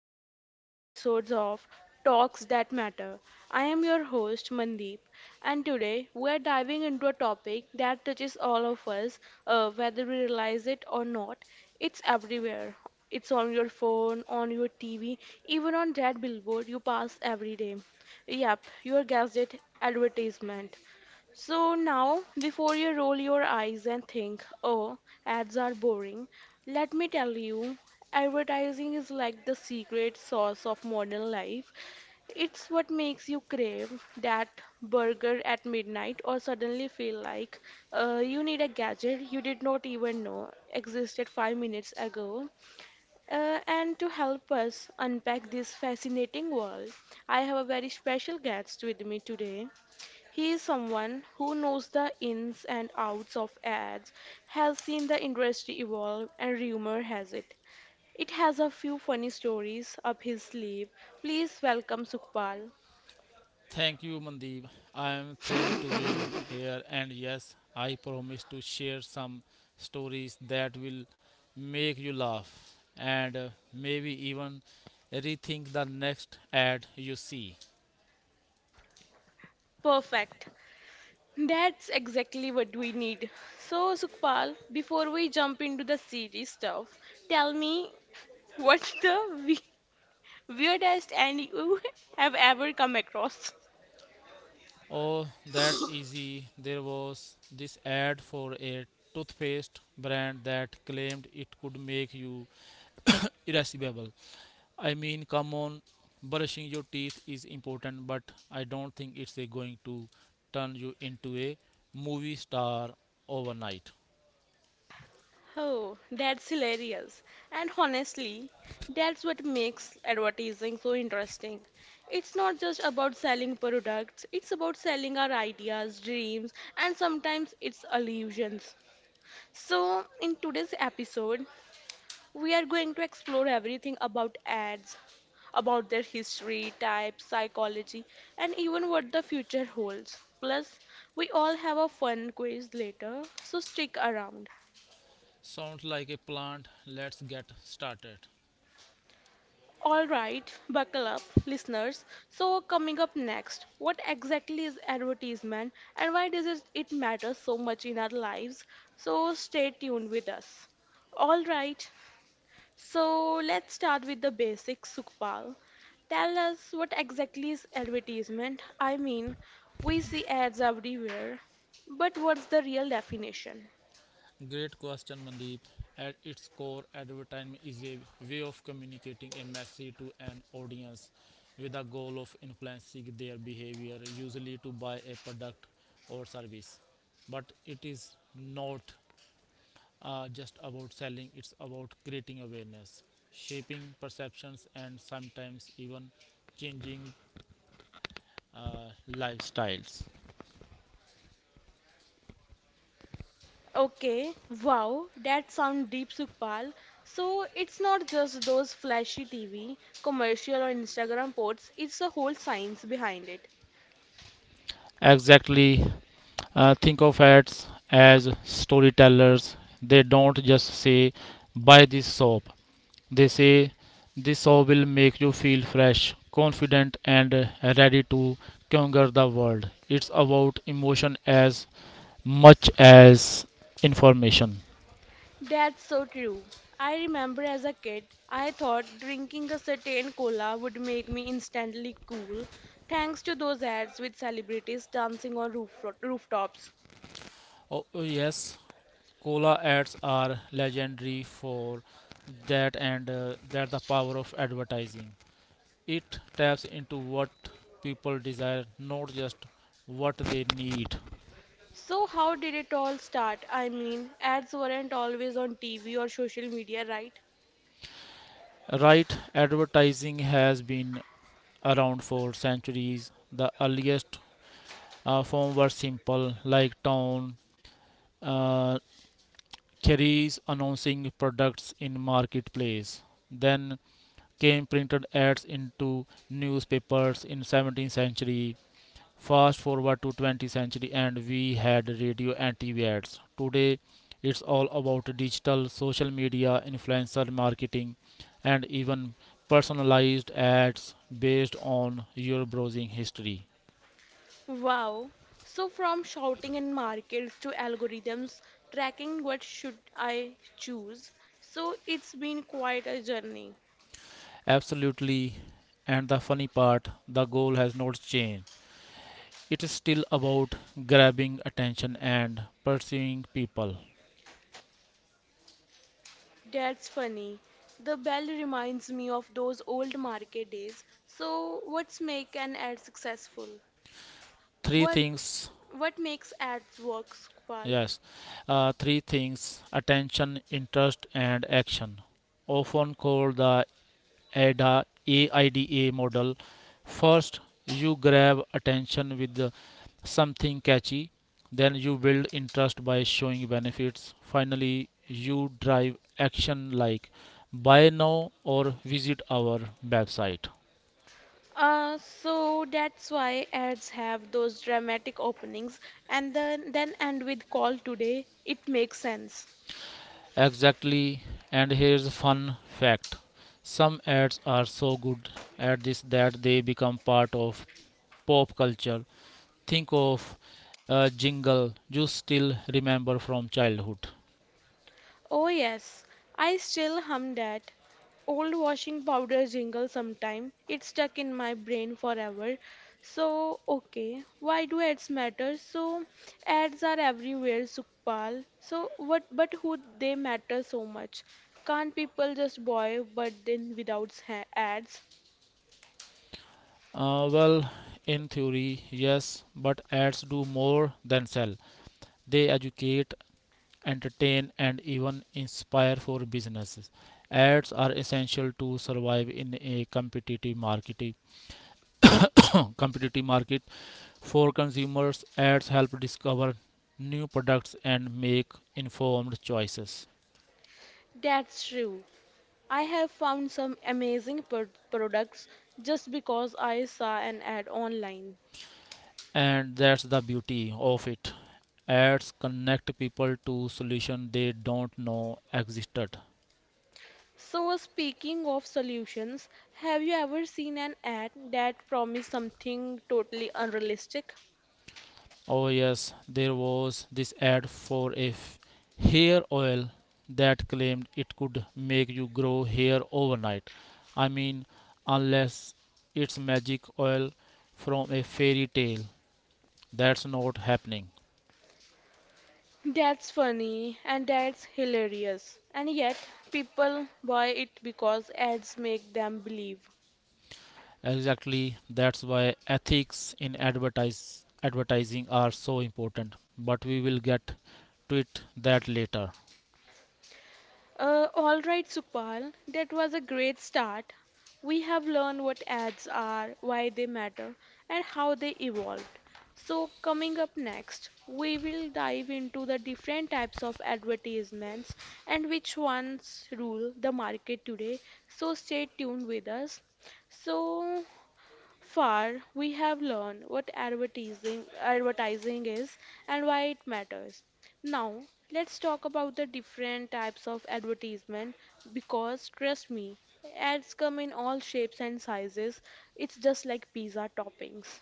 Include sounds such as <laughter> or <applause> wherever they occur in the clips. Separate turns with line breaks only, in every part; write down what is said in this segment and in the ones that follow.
exciting episode of Talks That Matter. I am your host, Mandeep, and today we are diving into a topic that touches all of us, whether we realize it or not. It's everywhere. It's on your phone, on your TV, even on that billboard you pass every day. Yep, you guessed it, advertisement. So now, before you roll your eyes and think, oh, ads are boring, let me tell you, advertising is like the secret sauce of modern life. It's what makes you crave that burger at midnight, or suddenly feel like you need a gadget you did not even know existed five minutes ago. And to help us unpack this fascinating world, I have a very special guest with me today. He is someone who knows the ins and outs of ads, has seen the industry evolve, and rumor has it, it has a few funny stories up his sleeve. Please welcome Sukhpal.
Thank you, Mandeep. I am thrilled to be here, and yes, I promise to share some stories that will make you laugh and maybe even rethink the next ad you see.
Perfect. That's exactly what we need. So, Sukhpal, before we jump into the serious stuff, tell me <laughs> what's the we- weirdest and you <laughs> have ever come across?
Oh, that's easy. There was this ad for a toothpaste brand that claimed it could make you irascible. Come on, brushing your teeth is important, but I don't think it's a going to turn you into a movie star overnight.
Oh, that's hilarious. And honestly, that's what makes advertising so interesting. It's not just about selling products, it's about selling our ideas, dreams, and sometimes it's illusions. So, in today's episode, we are going to explore everything about ads, about their history, type, psychology, and even what the future holds. Plus, we all have a fun quiz later, so stick around.
Sounds like a plant. Let's get started.
All right, buckle up, listeners. So, coming up next, what exactly is advertisement, and why does it matter so much in our lives? So, stay tuned with us. All right, so let's start with the basics, Sukhpal. Tell us, what exactly is advertisement? I mean, we see ads everywhere, but what's the real definition?
Great question, Mandeep. At its core, advertisement is a way of communicating a message to an audience with the goal of influencing their behavior, usually to buy a product or service. But it is not just about selling, it's about creating awareness, shaping perceptions, and sometimes even changing lifestyles.
Okay, wow, that sounds deep, Sukpal. So it's not just those flashy TV, commercial, or Instagram posts, it's a whole science behind it.
Exactly. Think of ads as storytellers. They don't just say, buy this soap. They say, this soap will make you feel fresh, confident, and ready to conquer the world. It's about emotion as much as information.
That's so true. I remember as a kid, I thought drinking a certain cola would make me instantly cool, thanks to those ads with celebrities dancing on rooftops.
Oh, yes, Cola ads are legendary for that, and that the power of advertising. It taps into what people desire, not just what they need.
So, how did it all start? I mean, ads weren't always on TV or social media, right?
Right, advertising has been around for centuries. The earliest form were simple, like town uh, carries announcing products in marketplace. Then came printed ads into newspapers in 17th century. Fast forward to 20th century and we had radio and TV ads. Today it's all about digital, social media, influencer marketing, and even personalized ads based on your browsing history.
Wow. So from shouting in markets to algorithms, tracking what should I choose. So it's been quite a journey.
Absolutely. And the funny part, the goal has not changed. It is still about grabbing attention and pursuing people.
That's funny. The bell reminds me of those old market days. So what's make an ad successful?
Three
What
things.
makes ads work, Sukpal?
Yes, three things: attention, interest, and action, often called the AIDA model. First, you grab attention with the- something catchy, then you build interest by showing benefits. Finally, you drive action like buy now or visit our website.
So that's why ads have those dramatic openings and then end with call today. It makes sense.
Exactly. And here's a fun fact: some ads are so good at this that they become part of pop culture. Think of a jingle you still remember from childhood.
Oh, yes, I still hum that old washing powder jingle sometime. It's stuck in my brain forever. So, okay, why do ads matter? So, ads are everywhere, Sukpal. So, what but who they matter so much? Can't people just buy but then without ads?
Well, in theory, yes, but ads do more than sell. They educate, entertain, and even inspire. For businesses, ads are essential to survive in a competitive market. For consumers, ads help discover new products and make informed choices.
That's true. I have found some amazing products just because I saw an ad online.
And that's the beauty of it. Ads connect people to solutions they don't know existed.
So, speaking of solutions, have you ever seen an ad that promised something totally unrealistic?
Oh yes, there was this ad for a hair oil that claimed it could make you grow hair overnight. I mean, unless it's magic oil from a fairy tale, that's not happening.
That's funny, and that's hilarious. And yet, people buy it because ads make them believe.
Exactly, that's why ethics in advertising are so important, but we will get to it that later.
All right, Supal, that was a great start. We have learned what ads are, why they matter, and how they evolved. So, coming up next, we will dive into the different types of advertisements and which ones rule the market today. So, stay tuned with us. So, far, we have learned what advertising is and why it matters. Now, let's talk about the different types of advertisement, because, trust me, ads come in all shapes and sizes. It's just like pizza toppings.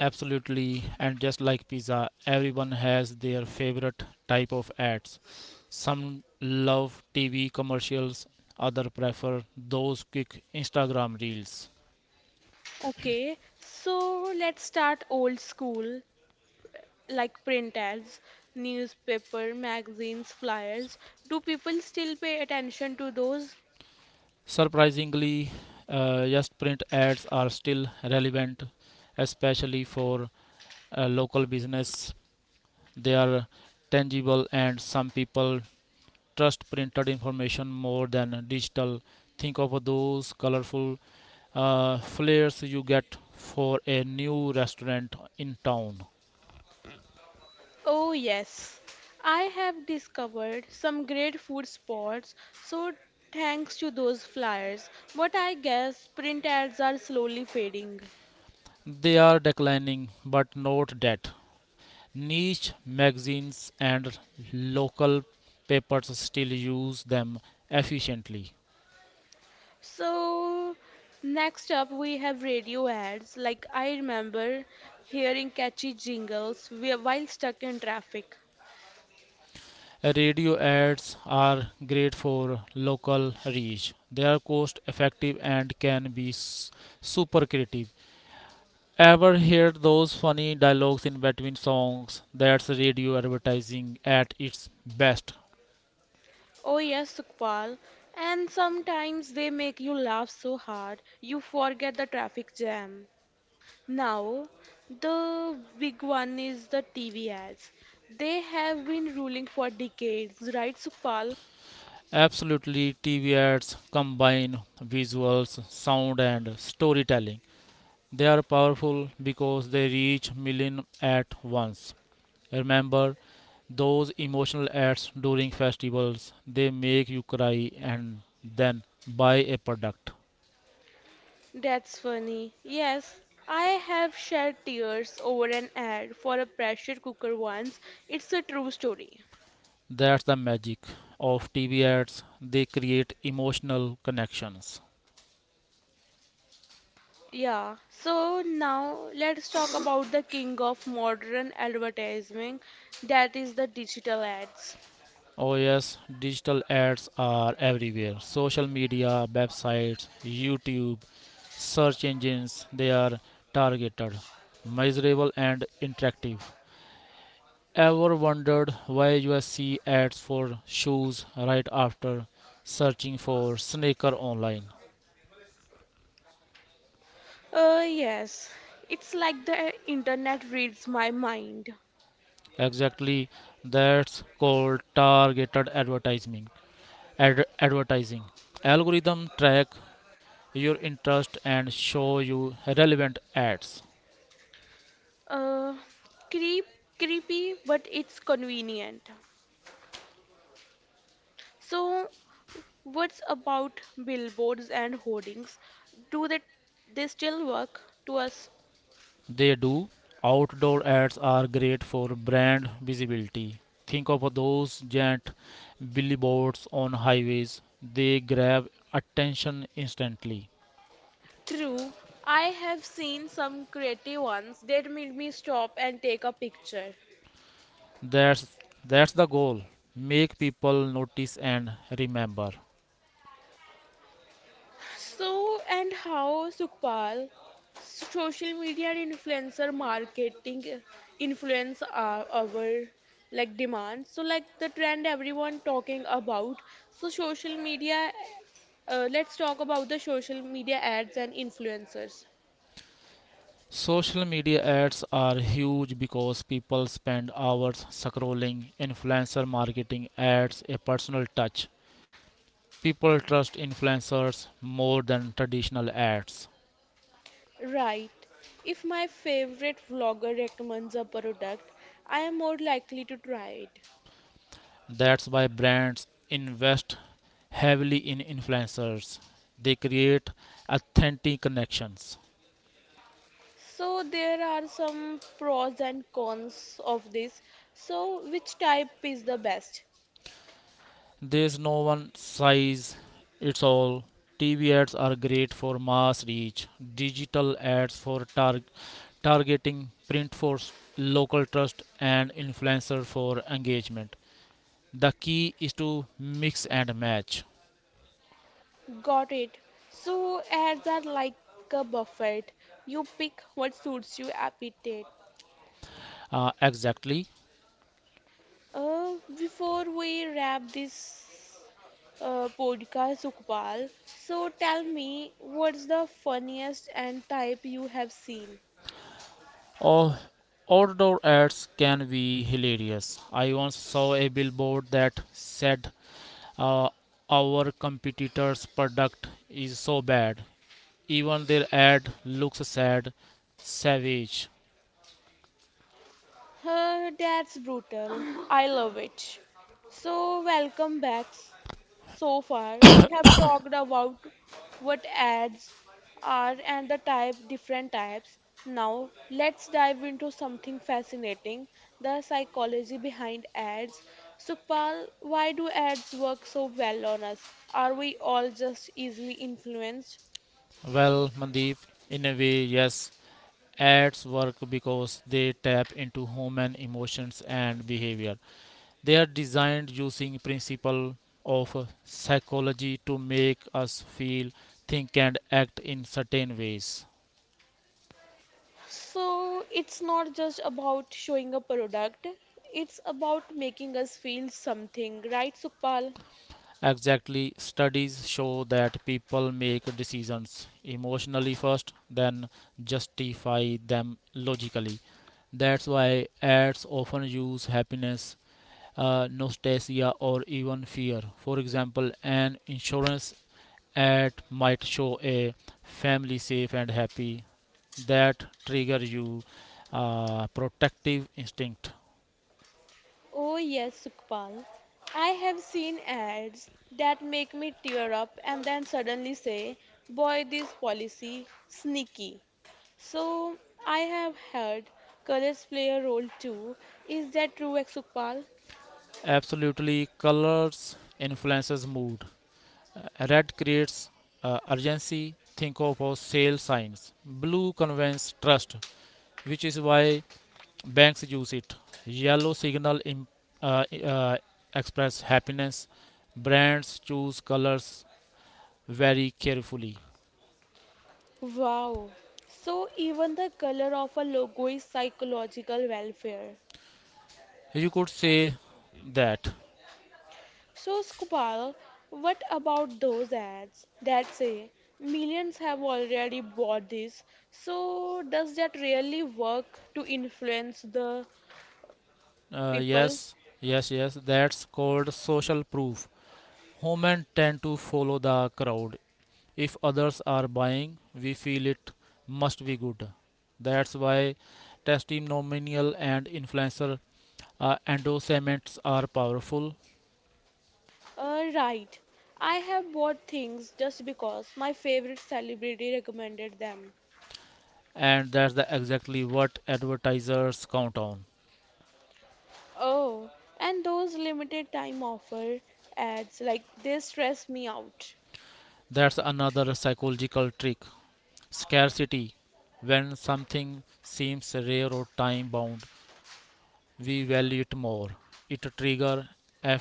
Absolutely, and just like pizza, everyone has their favorite type of ads. Some love TV commercials, others prefer those quick Instagram reels.
Okay, so let's start old school, like print ads, newspaper, magazines, flyers. Do people still pay attention to those?
Surprisingly, yes, print ads are still relevant, especially for local business. They are tangible and some people trust printed information more than digital. Think of those colorful flares you get for a new restaurant in town.
Oh, yes. I have discovered some great food spots, so thanks to those flyers. But I guess print ads are slowly fading.
They are declining, but note that niche magazines and local papers still use them efficiently.
So, next up, we have radio ads. Like, I remember hearing catchy jingles while stuck in traffic.
Radio ads are great for local reach. They are cost effective and can be super creative. Ever heard those funny dialogues in between songs? That's radio advertising at its best.
Oh, yes, Sukpal. And sometimes they make you laugh so hard you forget the traffic jam. Now, the big one is the TV ads. They have been ruling for decades, right, Supal?
Absolutely, TV ads combine visuals, sound, and storytelling. They are powerful because they reach millions at once. Remember, those emotional ads during festivals, they make you cry and then buy a product.
That's funny. Yes, I have shed tears over an ad for a pressure cooker once. It's a true story.
That's the magic of TV ads, they create emotional connections.
Yeah, so now let's talk about the king of modern advertising, that is the digital ads.
Oh yes, digital ads are everywhere: social media, websites, YouTube, search engines. They are targeted, measurable, and interactive. Ever wondered why you see ads for shoes right after searching for sneaker online?
Yes, it's like the internet reads my mind.
Exactly, that's called targeted advertising. Advertising algorithm track your interest and show you relevant ads.
Uh, creep, creepy, but it's convenient. So, what's about billboards and hoardings? Do they still work to us?
They do. Outdoor ads are great for brand visibility. Think of those giant billboards on highways. They grab attention instantly.
True, I have seen some creative ones that made me stop and take a picture.
That's that's the goal. Make people notice and remember.
So, and how, Sukhpal, social media and influencer marketing influence our like demands. So, like the trend everyone talking about. So, social media. Let's talk about the social media ads and influencers.
Social media ads are huge because people spend hours scrolling. Influencer marketing adds a personal touch. People trust influencers more than traditional ads.
Right. If my favorite vlogger recommends a product, I am more likely to try it.
That's why brands invest heavily in influencers. They create authentic connections.
So there are some pros and cons of this. So which type is the best?
There's no one size it's all. TV ads are great for mass reach, digital ads for targeting, print for local trust, and influencer for engagement. The key is to mix and match.
Got it. So ads are like a buffet. You pick what suits your appetite.
Exactly.
Before we wrap this podcast, Sukpal, so tell me, what's the funniest and type you have seen?
Oh, outdoor ads can be hilarious. I once saw a billboard that said, uh, our competitor's product is so bad even their ad looks sad. Savage.
That's brutal. I love it. So, welcome back. So far, we have talked about what ads are and the type, different types. Now, let's dive into something fascinating, the psychology behind ads. Sukpal, why do ads work so well on us? Are we all just easily influenced?
Well, Mandeep, in a way, yes, ads work because they tap into human emotions and behavior. They are designed using principle of psychology to make us feel, think, and act in certain ways.
So it's not just about showing a product, it's about making us feel something, right, Sukpal?
Exactly, studies show that people make decisions emotionally first, then justify them logically. That's why ads often use happiness, nostalgia, or even fear. For example, an insurance ad might show a family safe and happy. That trigger you protective instinct.
Oh, yes, Sukpal. I have seen ads that make me tear up and then suddenly say, boy, this policy sneaky. So I have heard colors play a role too. Is that true, Sukpal?
Absolutely, colors influences mood. Red creates urgency. Think of our sale signs. Blue conveys trust, which is why banks use it. Yellow signal uh, uh, express happiness. Brands choose colors very carefully.
Wow. So even the color of a logo is psychological welfare.
You could say that.
So, Skupal, what about those ads that say millions have already bought this? So, does that really work to influence the
Uh,
people?
yes, yes, yes. That's called social proof. Women tend to follow the crowd. If others are buying, we feel it must be good. That's why testimonial and influencer endorsements are powerful.
Right. I have bought things just because my favorite celebrity recommended them.
And that's the exactly what advertisers count on.
Oh, and those limited time offer ads, like they stress me out.
That's another psychological trick: scarcity. When something seems rare or time bound, we value it more. It triggers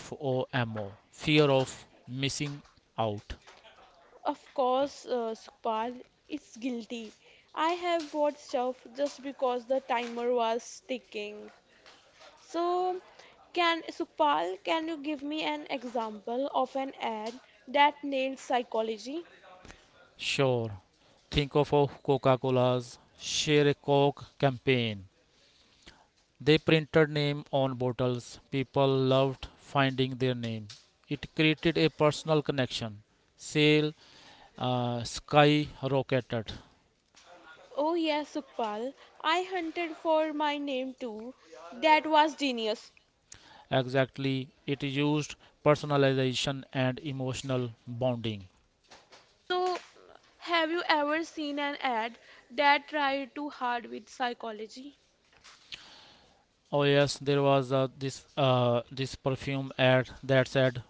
FOMO, fear of missing out.
Of course, Sukpal, it's guilty. I have bought stuff just because the timer was ticking. So, can Sukpal, can you give me an example of an ad that nailed psychology?
Sure. Think of a Coca-Cola's Share a Coke campaign. They printed name on bottles. People loved finding their name. It created a personal connection. Sale skyrocketed.
Oh yes, Sukpal, I hunted for my name too. That was genius.
Exactly. It used personalization and emotional bonding.
So, have you ever seen an ad that tried too hard with psychology?
Oh yes, there was this perfume ad that said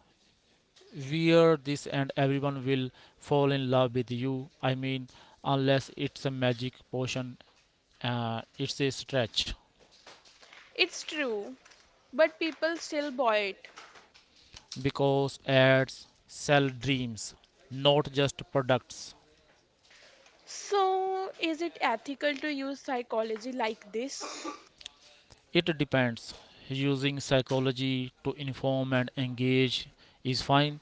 wear this and everyone will fall in love with you. I mean, unless it's a magic potion, it's a stretch.
It's true, but people still buy it.
Because ads sell dreams, not just products.
So, is it ethical to use psychology like this?
It depends. Using psychology to inform and engage is fine,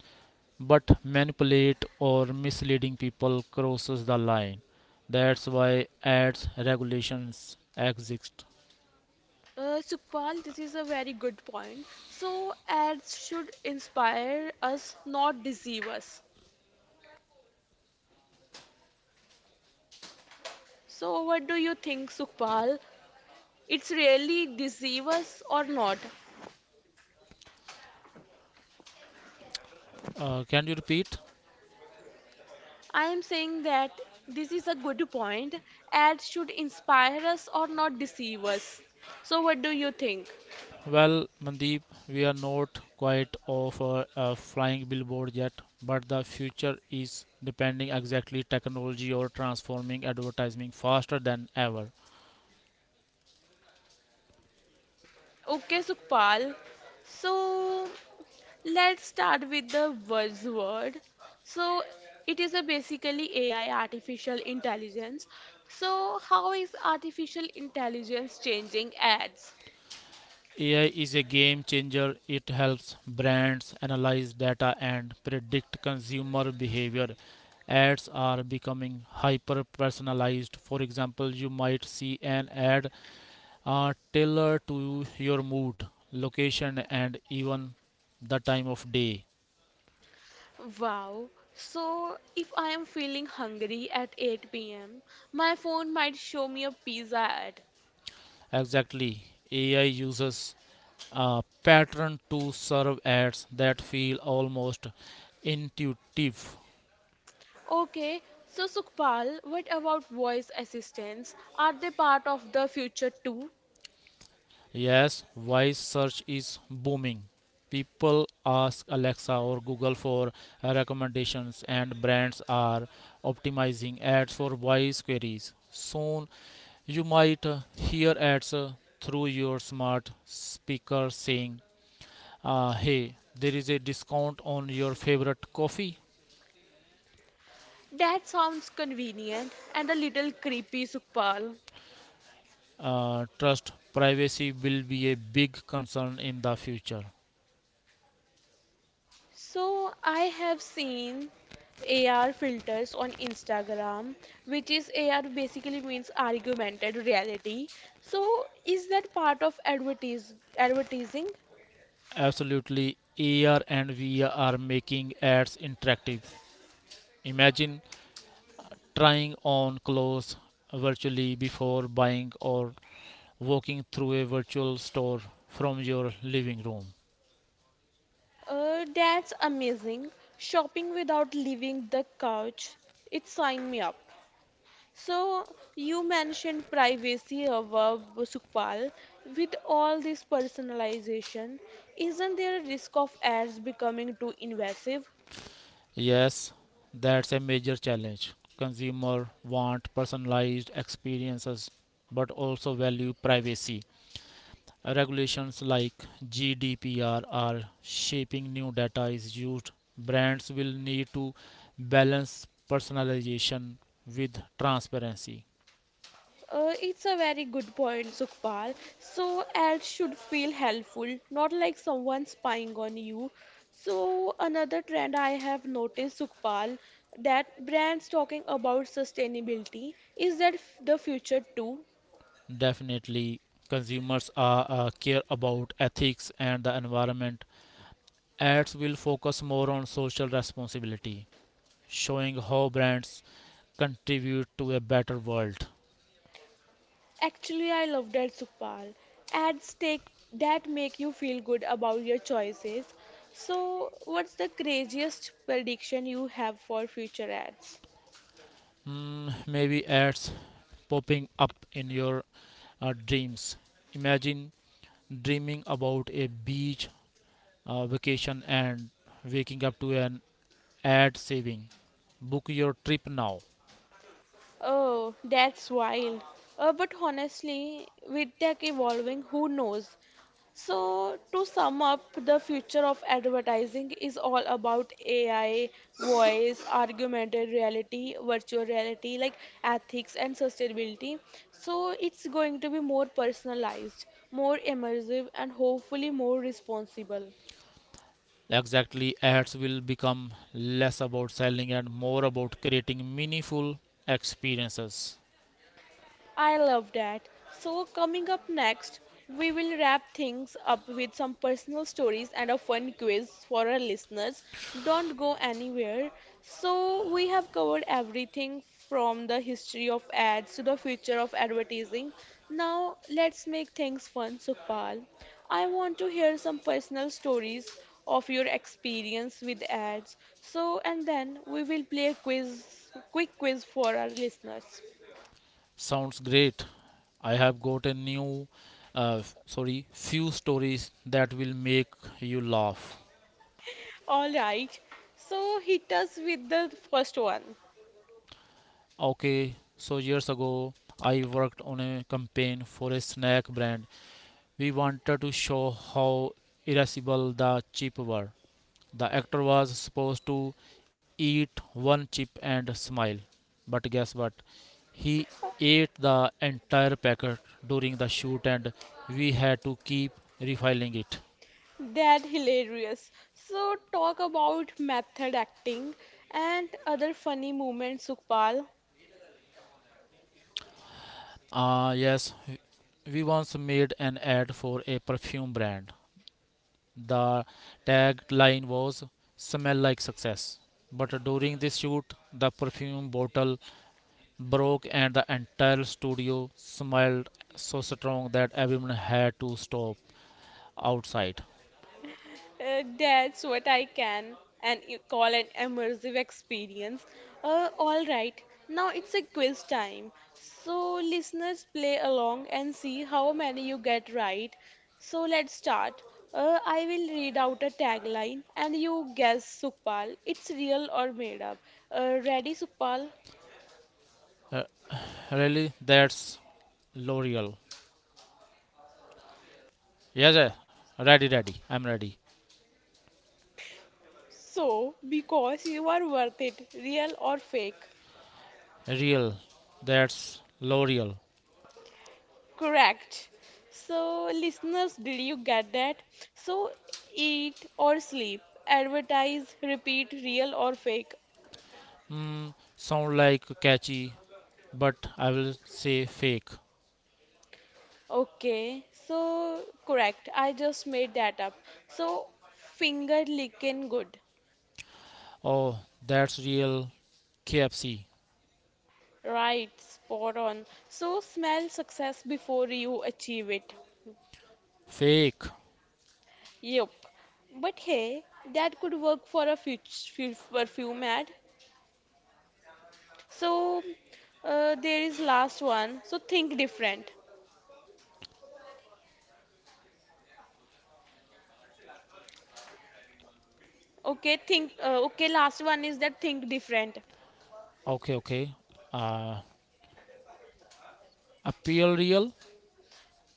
but manipulate or misleading people crosses the line. That's why ads regulations exist.
Sukpal, this is a very good point. So, ads should inspire us, not deceive us. So, what do you think, Sukpal? It's really deceive us or not?
Can you repeat?
I am saying that this is a good point. Ads should inspire us or not deceive us. So, what do you think?
Well, Mandeep, we are not quite of a flying billboard yet, but the future is depending exactly technology or transforming advertising faster than ever.
Okay, Sukpal. So, let's start with the buzzword. So, it is a basically AI, artificial intelligence. So, how is artificial intelligence changing ads?
AI is a game changer. It helps brands analyze data and predict consumer behavior. Ads are becoming hyper personalized. For example, you might see an ad tailored to your mood, location, and even the time of day.
Wow. So, if I am feeling hungry at 8 p.m., my phone might show me a pizza ad.
Exactly. AI uses a pattern to serve ads that feel almost intuitive.
Okay, so Sukhpal, what about voice assistants? Are they part of the future too?
Yes, voice search is booming. People ask Alexa or Google for recommendations, and brands are optimizing ads for voice queries. Soon, you might hear ads through your smart speaker saying, hey, there is a discount on your favorite coffee.
That sounds convenient and a little creepy, Sukhpal.
Trust privacy will be a big concern in the future.
So I have seen AR filters on Instagram, which is AR basically means augmented reality. So is that part of advertise advertising?
Absolutely, AR and VR are making ads interactive. Imagine trying on clothes virtually before buying or walking through a virtual store from your living room.
That's amazing. Shopping without leaving the couch. It sign me up. So you mentioned privacy above, Sukpal. With all this personalization, isn't there a risk of ads becoming too invasive?
Yes, that's a major challenge. Consumers want personalized experiences but also value privacy. Regulations like GDPR are shaping new data is used. Brands will need to balance personalization with transparency.
It's a very good point, Sukhpal. So, ads should feel helpful, not like someone spying on you. So, another trend I have noticed, Sukhpal, that brands talking about sustainability, is that the future too.
Definitely, consumers are, care about ethics and the environment. Ads will focus more on social responsibility, showing how brands contribute to a better world.
Actually, I love that, Sukhpal. Ads take that make you feel good about your choices. So, what's the craziest prediction you have for future ads?
Mm, maybe ads popping up in your dreams. Imagine dreaming about a beach vacation and waking up to an ad saving book your trip now.
Oh, that's wild. But honestly, with tech evolving, who knows? So, to sum up, the future of advertising is all about AI, voice, augmented reality, virtual reality, like ethics and sustainability. So, it's going to be more personalized, more immersive, and hopefully more responsible.
Exactly, ads will become less about selling and more about creating meaningful experiences.
I love that. So, coming up next, we will wrap things up with some personal stories and a fun quiz for our listeners. Don't go anywhere. So, we have covered everything from the history of ads to the future of advertising. Now, let's make things fun, Sukpal. I want to hear some personal stories of your experience with ads. So, and then we will play quick quiz for our listeners.
Sounds great. I have got a new f- sorry few stories that will make you laugh.
All right. So hit us with the first one.
Okay, so years ago I worked on a campaign for a snack brand. We wanted to show how irascible the chips were. The actor was supposed to eat one chip and smile. But guess what? He ate the entire packet during the shoot and we had to keep refiling it.
That hilarious. So talk about method acting and other funny moments, Sukpal.
Yes, we once made an ad for a perfume brand. The tagline was Smell Like Success. But during this shoot, the perfume bottle broke and the entire studio smelled so strong that everyone had to stop outside.
That's what I can and you call an immersive experience. All right, now it's a quiz time. So listeners play along and see how many you get right. So let's start. I will read out a tagline and you guess, Sukpal. It's real or made up. Ready, Sukpal?
Uh, Really, that's L'Oreal. Yes, ready. I'm ready.
So, because you are worth it, real or fake?
Real, that's L'Oreal.
Correct. So, listeners, did you get that? So, eat or sleep, advertise, repeat, real or fake.
Hmm, sound like catchy, but I will say fake.
Okay, so correct. I just made that up. So, finger licking good.
Oh, that's real. KFC.
Right, spot on. So, smell success before you achieve it.
Fake.
Yup. But hey, that could work for a future perfume ad. So, there is last one. So, think different. Okay, think. Okay, last one is that think different.
Okay, okay. Uh, Appeal real.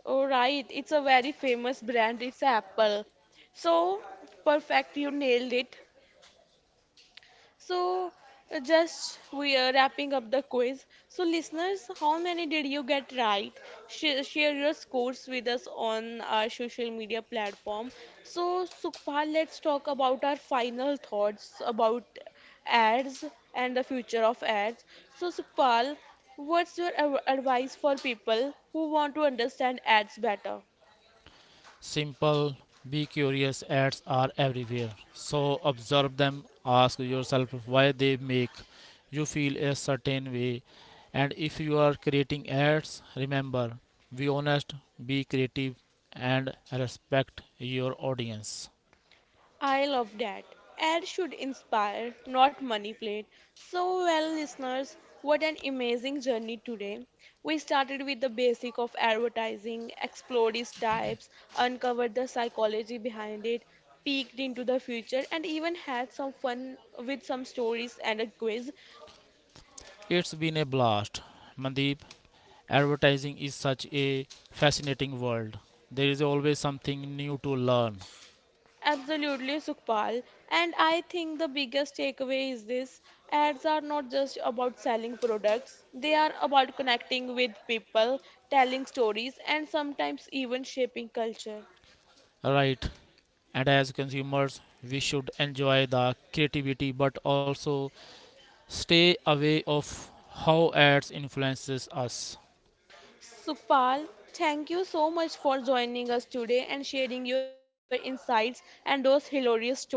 All right, it's a very famous brand. It's Apple. So perfect, you nailed it. So, just we are wrapping up the quiz. So, listeners, how many did you get right? Share your scores with us on our social media platform. So, Sukhpal, let's talk about our final thoughts about ads and the future of ads. So, Sukhpal, what's your advice for people who want to understand ads better?
Simple, be curious, ads are everywhere. So observe them, ask yourself why they make you feel a certain way. And if you are creating ads, remember: be honest, be creative, and respect your audience.
I love that. Ad should inspire, not manipulate. So, well, listeners, what an amazing journey today. We started with the basic of advertising, explored its types, uncovered the psychology behind it, peeked into the future, and even had some fun with some stories and a quiz.
It's been a blast. Mandeep, advertising is such a fascinating world. There is always something new to learn.
Absolutely, Sukpal. And I think the biggest takeaway is this: ads are not just about selling products, they are about connecting with people, telling stories, and sometimes even shaping culture.
Right, and as consumers we should enjoy the creativity but also stay away of how ads influences us.
Sukpal, thank you so much for joining us today and sharing your insights and those hilarious stories.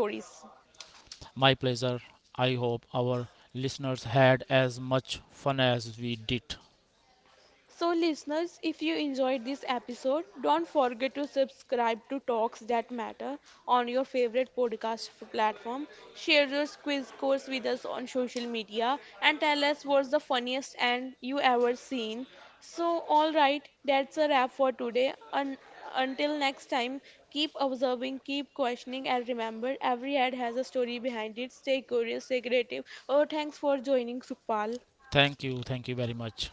My pleasure. I hope our listeners had as much fun as we did.
So, listeners, if you enjoyed this episode, don't forget to subscribe to Talks That Matter on your favorite podcast platform. Share your quiz course with us on social media and tell us what's the funniest and you ever seen. So, all right, that's a wrap for today. Until next time, keep observing, keep questioning, and remember every ad has a story behind it. Stay curious, stay creative. Oh, thanks for joining, Supal.
Thank you, very much.